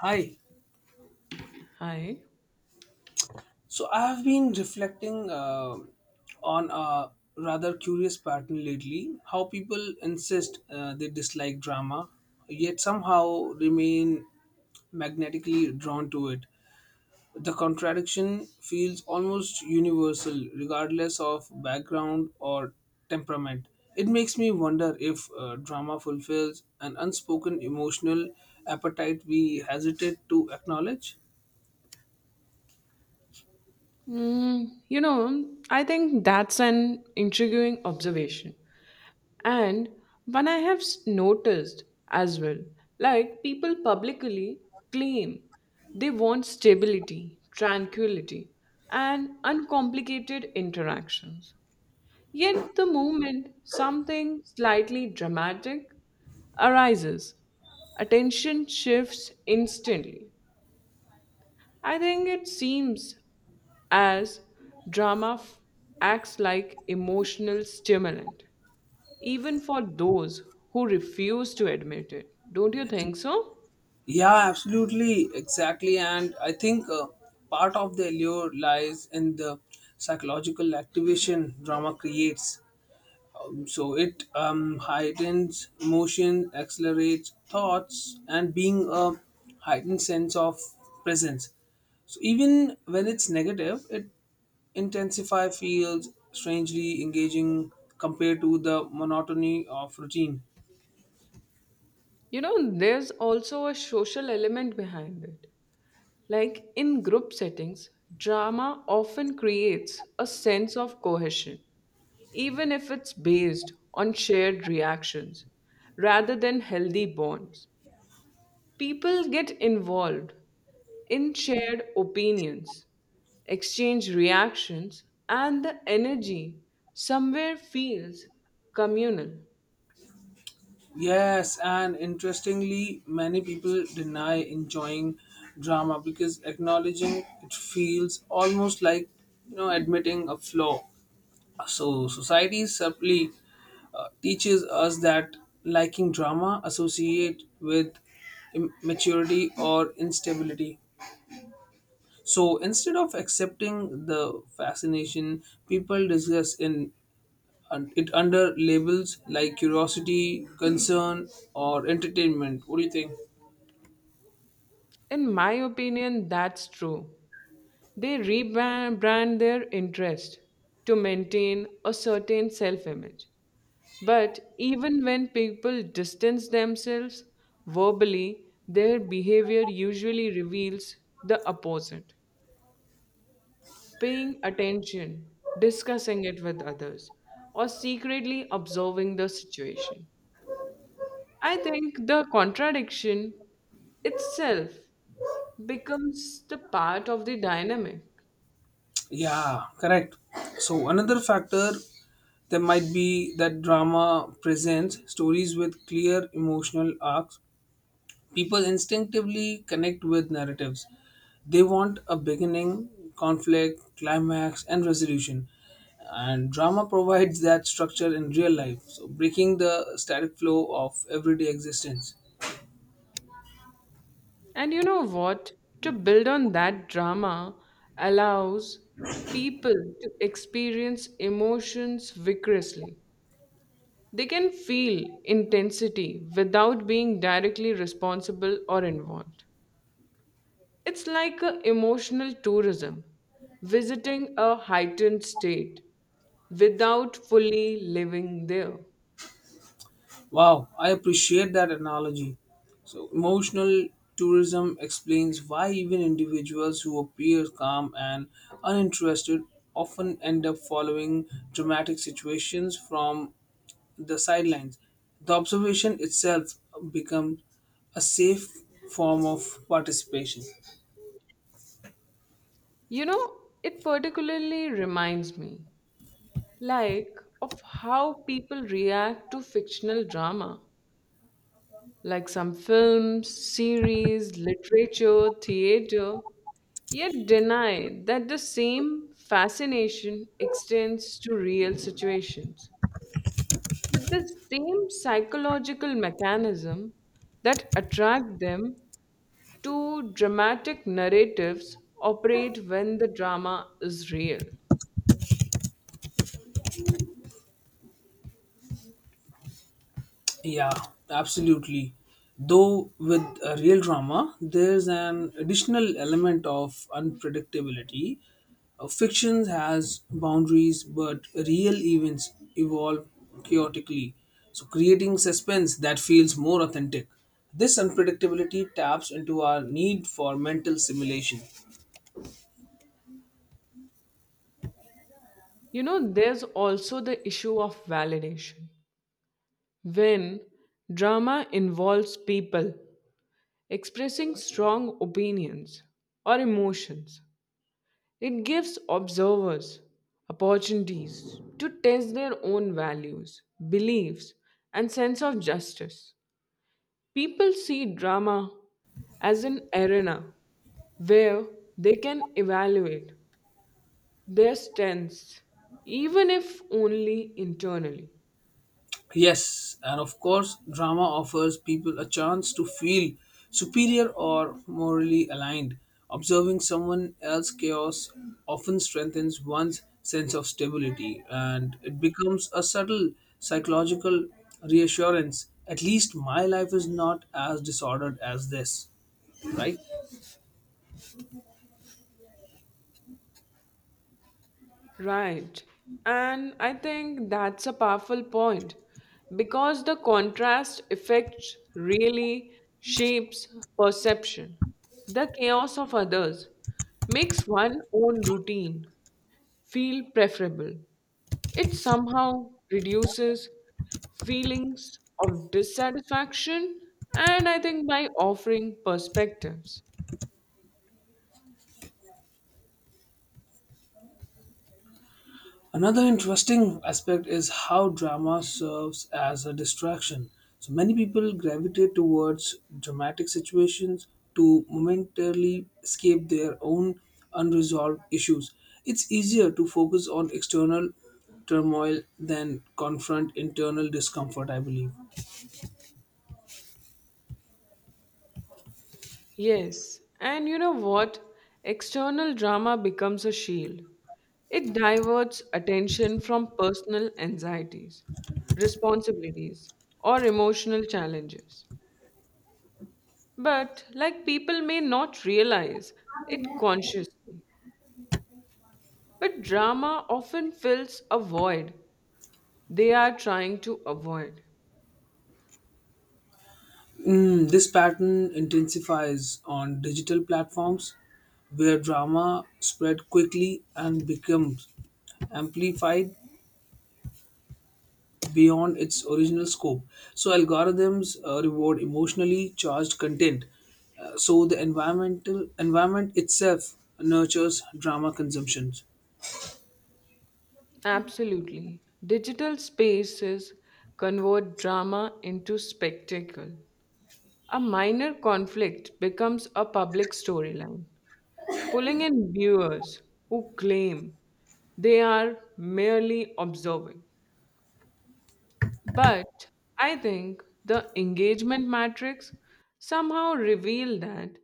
Hi. Hi. So I have been reflecting on a rather curious pattern lately how people insist they dislike drama, yet somehow remain magnetically drawn to it. The contradiction feels almost universal, regardless of background or temperament. It makes me wonder if drama fulfills an unspoken emotional appetite we hesitate to acknowledge. Mm, you know, I think that's an intriguing observation. And one I have noticed as well. Like, people publicly claim they want stability, tranquility, and uncomplicated interactions. Yet, the moment something slightly dramatic arises, attention shifts instantly. I think it seems as drama f- acts like emotional stimulant, even for those who refuse to admit it. Don't you think so? Yeah, absolutely, exactly. And I think part of the allure lies in the psychological activation drama creates. So it heightens emotion, accelerates thoughts, and being a heightened sense of presence. So even when it's negative, it intensify feels strangely engaging compared to the monotony of routine. You know, there's also a social element behind it. Like in group settings, drama often creates a sense of cohesion, even if it's based on shared reactions rather than healthy bonds. People get involved in shared opinions, exchange reactions, and the energy somewhere feels communal. Yes, and interestingly, many people deny enjoying drama because acknowledging it feels almost like admitting a flaw. So society subtly teaches us that liking drama associate with immaturity or instability. So instead of accepting the fascination, people discuss in and it under labels like curiosity, concern, or entertainment. What do you think? In my opinion, that's true. They rebrand their interest to maintain a certain self image. But even when people distance themselves verbally, their behavior usually reveals the opposite. Paying attention, discussing it with others, or secretly observing the situation. I think the contradiction itself becomes the part of the dynamic. Yeah, correct. So another factor that might be that drama presents stories with clear emotional arcs. People instinctively connect with narratives. They want a beginning, conflict, climax, and resolution. And drama provides that structure in real life, so breaking the static flow of everyday existence. And you know what? To build on that, drama allows people to experience emotions vigorously. They can feel intensity without being directly responsible or involved. It's like a emotional tourism, visiting a heightened state without fully living there. Wow, I appreciate that analogy. So, emotional tourism explains why even individuals who appear calm and uninterested often end up following dramatic situations from the sidelines. The observation itself becomes a safe form of participation. You know, it particularly reminds me like of how people react to fictional drama, like some films, series, literature, theater, yet deny that the same fascination extends to real situations. With the same psychological mechanism that attract them to dramatic narratives operate when the drama is real. Yeah, absolutely. Though with a real drama, there's an additional element of unpredictability. Fiction has boundaries, but real events evolve chaotically, so creating suspense that feels more authentic. This unpredictability taps into our need for mental simulation. You know, there's also the issue of validation. When drama involves people expressing strong opinions or emotions, it gives observers opportunities to test their own values, beliefs, and sense of justice. People see drama as an arena where they can evaluate their strengths, even if only internally. Yes, and of course, drama offers people a chance to feel superior or morally aligned. Observing someone else's chaos often strengthens one's sense of stability and it becomes a subtle psychological reassurance. At least my life is not as disordered as this, right? Right. And I think that's a powerful point because the contrast effect really shapes perception. The chaos of others makes one's own routine feel preferable. It somehow reduces feelings of dissatisfaction, and I think by offering perspectives. Another interesting aspect is how drama serves as a distraction. So many people gravitate towards dramatic situations to momentarily escape their own unresolved issues. It's easier to focus on external turmoil than confront internal discomfort, I believe. Yes, and you know what? External drama becomes a shield. It diverts attention from personal anxieties, responsibilities, or emotional challenges. But, like, people may not realize it consciously, but drama often fills a void they are trying to avoid. Mm, this pattern intensifies on digital platforms where drama spread quickly and becomes amplified beyond its original scope. So, algorithms reward emotionally charged content. So, the environment itself nurtures drama consumption. Absolutely. Digital spaces convert drama into spectacle. A minor conflict becomes a public storyline, pulling in viewers who claim they are merely observing. But I think the engagement matrix somehow reveal that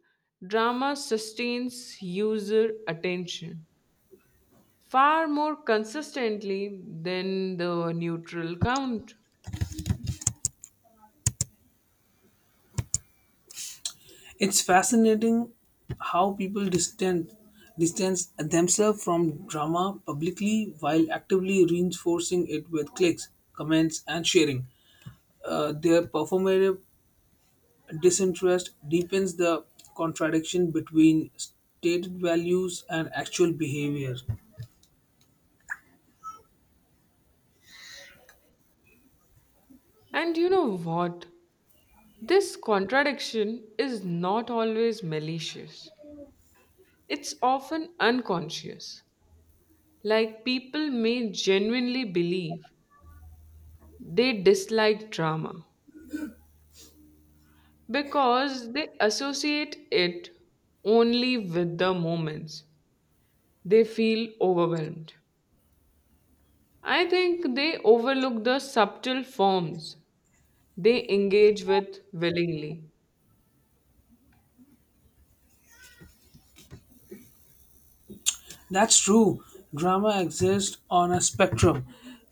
drama sustains user attention far more consistently than the neutral count. It's fascinating how people distance themselves from drama publicly while actively reinforcing it with clicks, comments, and sharing. Their performative disinterest deepens the contradiction between stated values and actual behavior. And you know what? This contradiction is not always malicious, it's often unconscious. Like, people may genuinely believe they dislike drama because they associate it only with the moments they feel overwhelmed. I think they overlook the subtle forms they engage with willingly. That's true. Drama exists on a spectrum,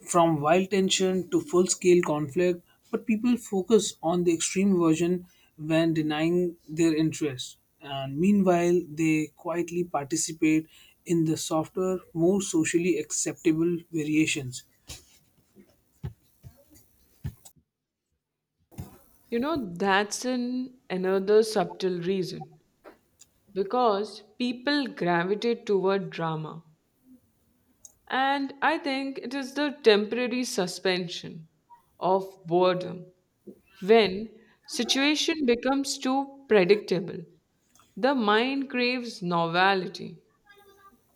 from wild tension to full scale conflict, but people focus on the extreme version when denying their interest. And meanwhile, they quietly participate in the softer, more socially acceptable variations. You know, that's an, another subtle reason because people gravitate toward drama. And I think it is the temporary suspension of boredom when situation becomes too predictable. The mind craves novelty.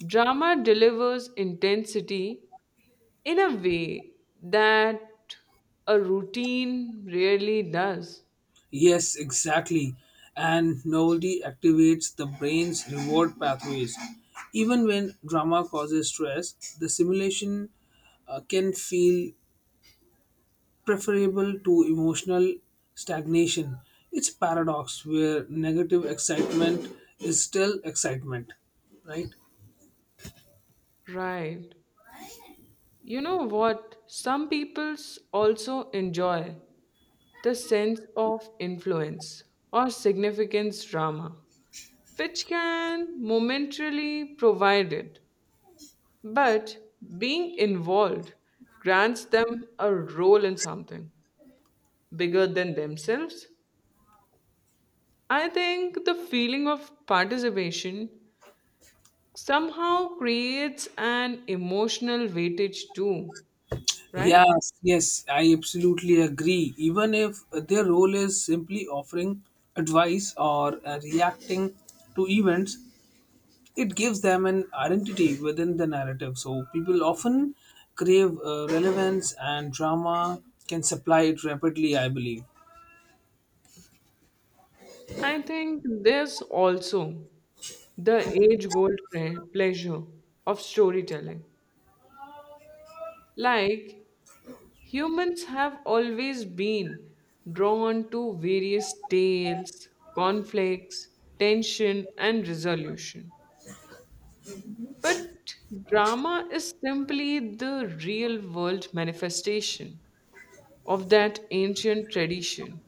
Drama delivers intensity in a way that a routine rarely does. Yes, exactly. And novelty activates the brain's reward pathways. Even when drama causes stress, the simulation can feel preferable to emotional stagnation. It's a paradox where negative excitement is still excitement, right? Right. You know what? Some peoples also enjoy the sense of influence or significance drama, which can momentarily provide it, but being involved grants them a role in something bigger than themselves. I think the feeling of participation somehow creates an emotional weightage too, right? Yes, yes, I absolutely agree. Even if their role is simply offering advice or reacting to events, it gives them an identity within the narrative. So people often crave relevance, and drama can supply it rapidly, I believe. I think there's also the age old pleasure of storytelling. Like, humans have always been drawn to various tales, conflicts, tension, and resolution. But drama is simply the real world manifestation of that ancient tradition.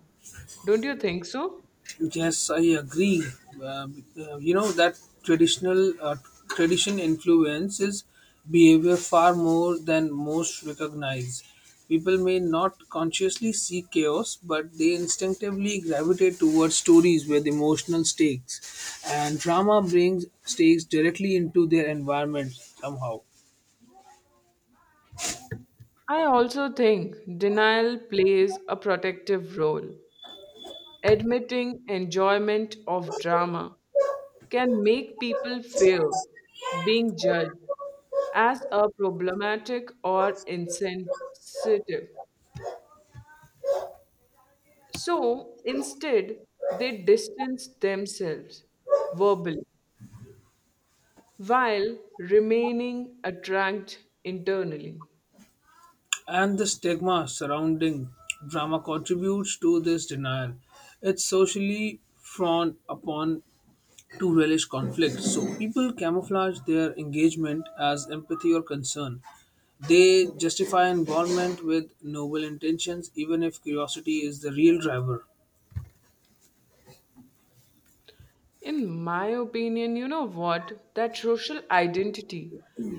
Don't you think so? Yes, I agree. Uh, you know that traditional Tradition influences behavior far more than most recognize. People may not consciously seek chaos, but they instinctively gravitate towards stories with emotional stakes, and drama brings stakes directly into their environment somehow. I also think denial plays a protective role. Admitting enjoyment of drama can make people fear being judged as a problematic or insensitive. So instead, they distance themselves verbally while remaining attracted internally. And the stigma surrounding drama contributes to this denial. It's socially frowned upon to relish conflict. So people camouflage their engagement as empathy or concern. They justify involvement with noble intentions, even if curiosity is the real driver. In my opinion, you know what? That social identity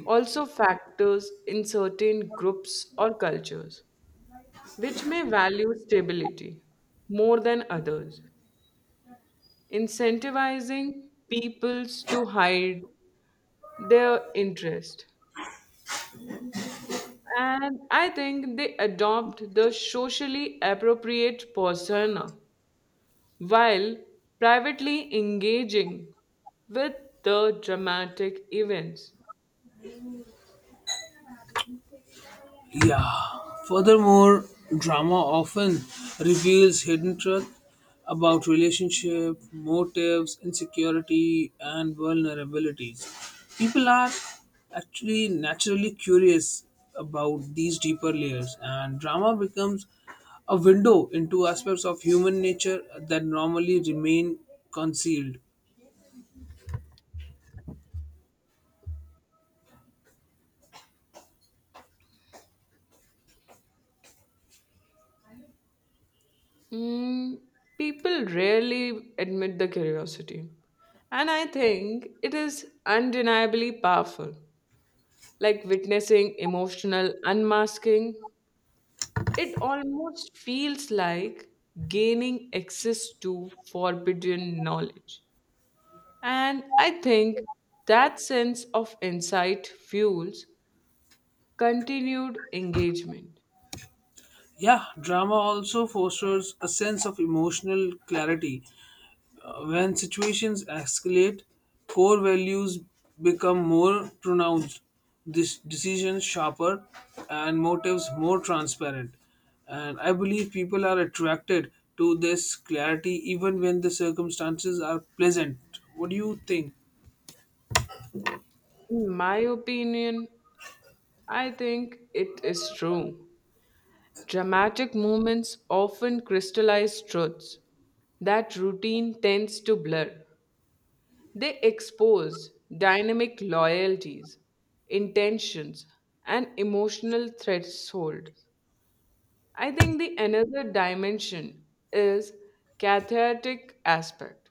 also factors in certain groups or cultures, which may value stability more than others, incentivizing peoples to hide their interest. And I think they adopt the socially appropriate persona while privately engaging with the dramatic events. Yeah. Furthermore, drama often reveals hidden truth about relationship, motives, insecurity, and vulnerabilities. People are actually naturally curious about these deeper layers, and drama becomes a window into aspects of human nature that normally remain concealed. Mm, people rarely admit the curiosity. And I think it is undeniably powerful, like witnessing emotional unmasking. It almost feels like gaining access to forbidden knowledge. And I think that sense of insight fuels continued engagement. Yeah, drama also fosters a sense of emotional clarity. When situations escalate, core values become more pronounced, this decisions sharper, and motives more transparent. And I believe people are attracted to this clarity even when the circumstances are pleasant. What do you think? In my opinion, I think it is true. Dramatic moments often crystallize truths that routine tends to blur. They expose dynamic loyalties, intentions, and emotional thresholds. I think the another dimension is cathartic aspect.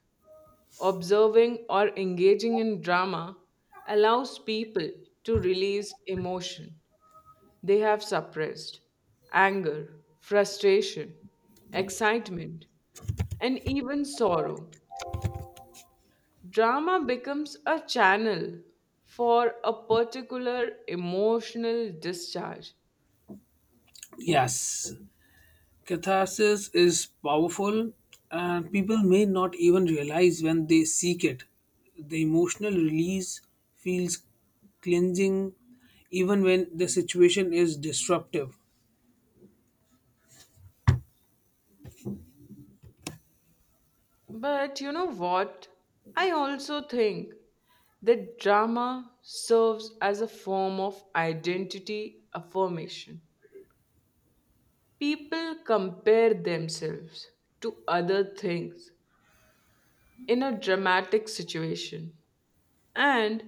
Observing or engaging in drama allows people to release emotion they have suppressed, anger, frustration, excitement, and even sorrow. Drama becomes a channel for a particular emotional discharge. Yes, catharsis is powerful, and people may not even realize when they seek it. The emotional release feels cleansing even when the situation is disruptive. But you know what? I also think that drama serves as a form of identity affirmation. People compare themselves to other things in a dramatic situation and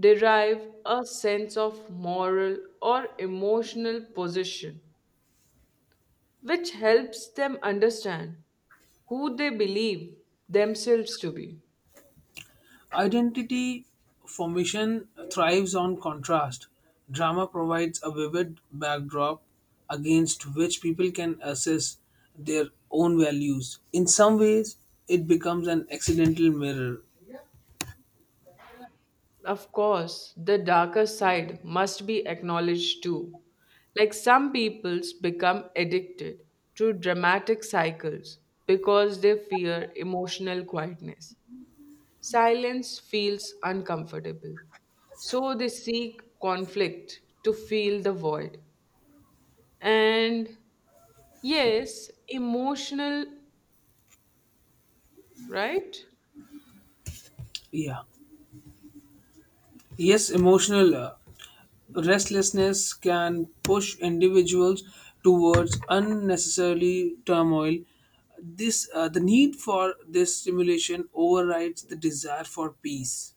derive a sense of moral or emotional position which helps them understand who they believe themselves to be. Identity formation thrives on contrast. Drama provides a vivid backdrop against which people can assess their own values. In some ways, it becomes an accidental mirror. Of course, the darker side must be acknowledged too. Like, some peoples become addicted to dramatic cycles because they fear emotional quietness. Silence feels uncomfortable. So they seek conflict to fill the void. And yes, emotional, right? Yeah. Yes, emotional. Restlessness can push individuals towards unnecessarily turmoil. The need for this stimulation overrides the desire for peace.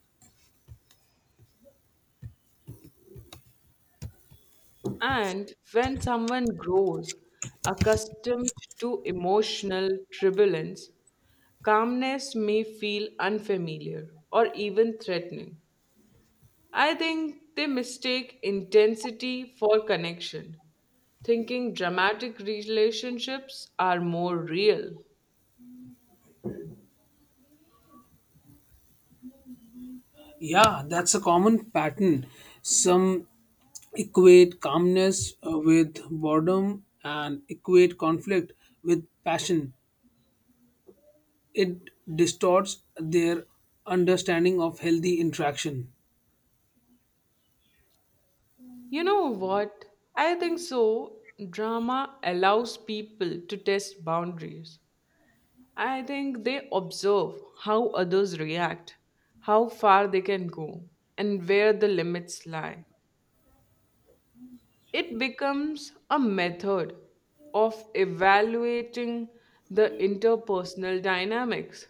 And when someone grows accustomed to emotional turbulence, calmness may feel unfamiliar or even threatening. I think they mistake intensity for connection, thinking dramatic relationships are more real. Yeah, that's a common pattern. Some equate calmness with boredom and equate conflict with passion. It distorts their understanding of healthy interaction. You know what? I think so. Drama allows people to test boundaries. I think they observe how others react, how far they can go, and where the limits lie. It becomes a method of evaluating the interpersonal dynamics.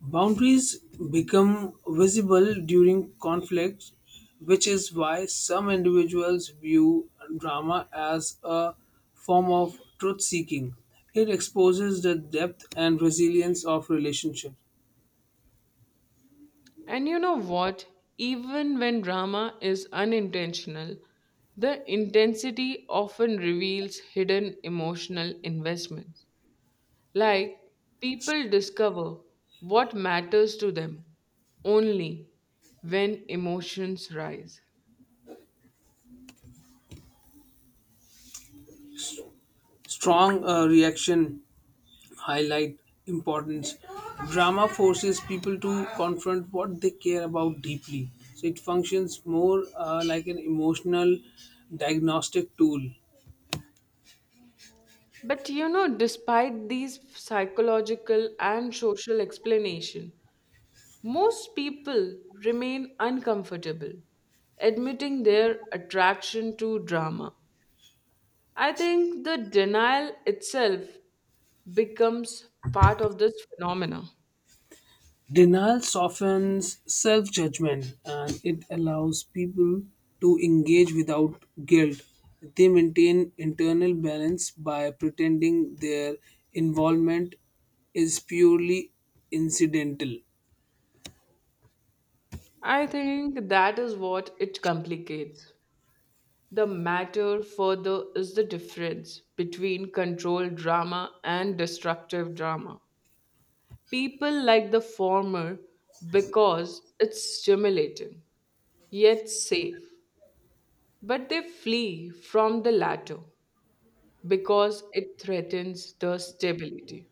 Boundaries become visible during conflict, which is why some individuals view drama as a form of truth seeking. It exposes the depth and resilience of relationships. And you know what? Even when drama is unintentional, the intensity often reveals hidden emotional investments. Like, people discover what matters to them only when emotions rise. Strong reaction highlight importance. Drama forces people to confront what they care about deeply. So it functions more like an emotional diagnostic tool. But you know, despite these psychological and social explanation, most people remain uncomfortable admitting their attraction to drama. I think the denial itself becomes part of this phenomena. Denial softens self judgment and it allows people to engage without guilt. They maintain internal balance by pretending their involvement is purely incidental. I think that is what it complicates. The matter further is the difference between controlled drama and destructive drama. People like the former because it's stimulating, yet safe, but they flee from the latter because it threatens the stability.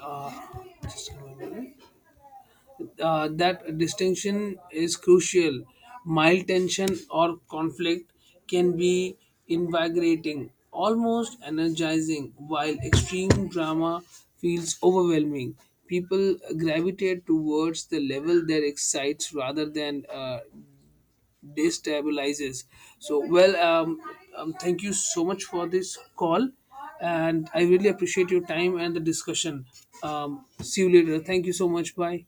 Uh, just a minute. That distinction is crucial. Mild tension or conflict can be invigorating, almost energizing, while extreme drama feels overwhelming. People gravitate towards the level that excites rather than destabilizes. So, thank you so much for this call, and I really appreciate your time and the discussion. See you later. Thank you so much. Bye.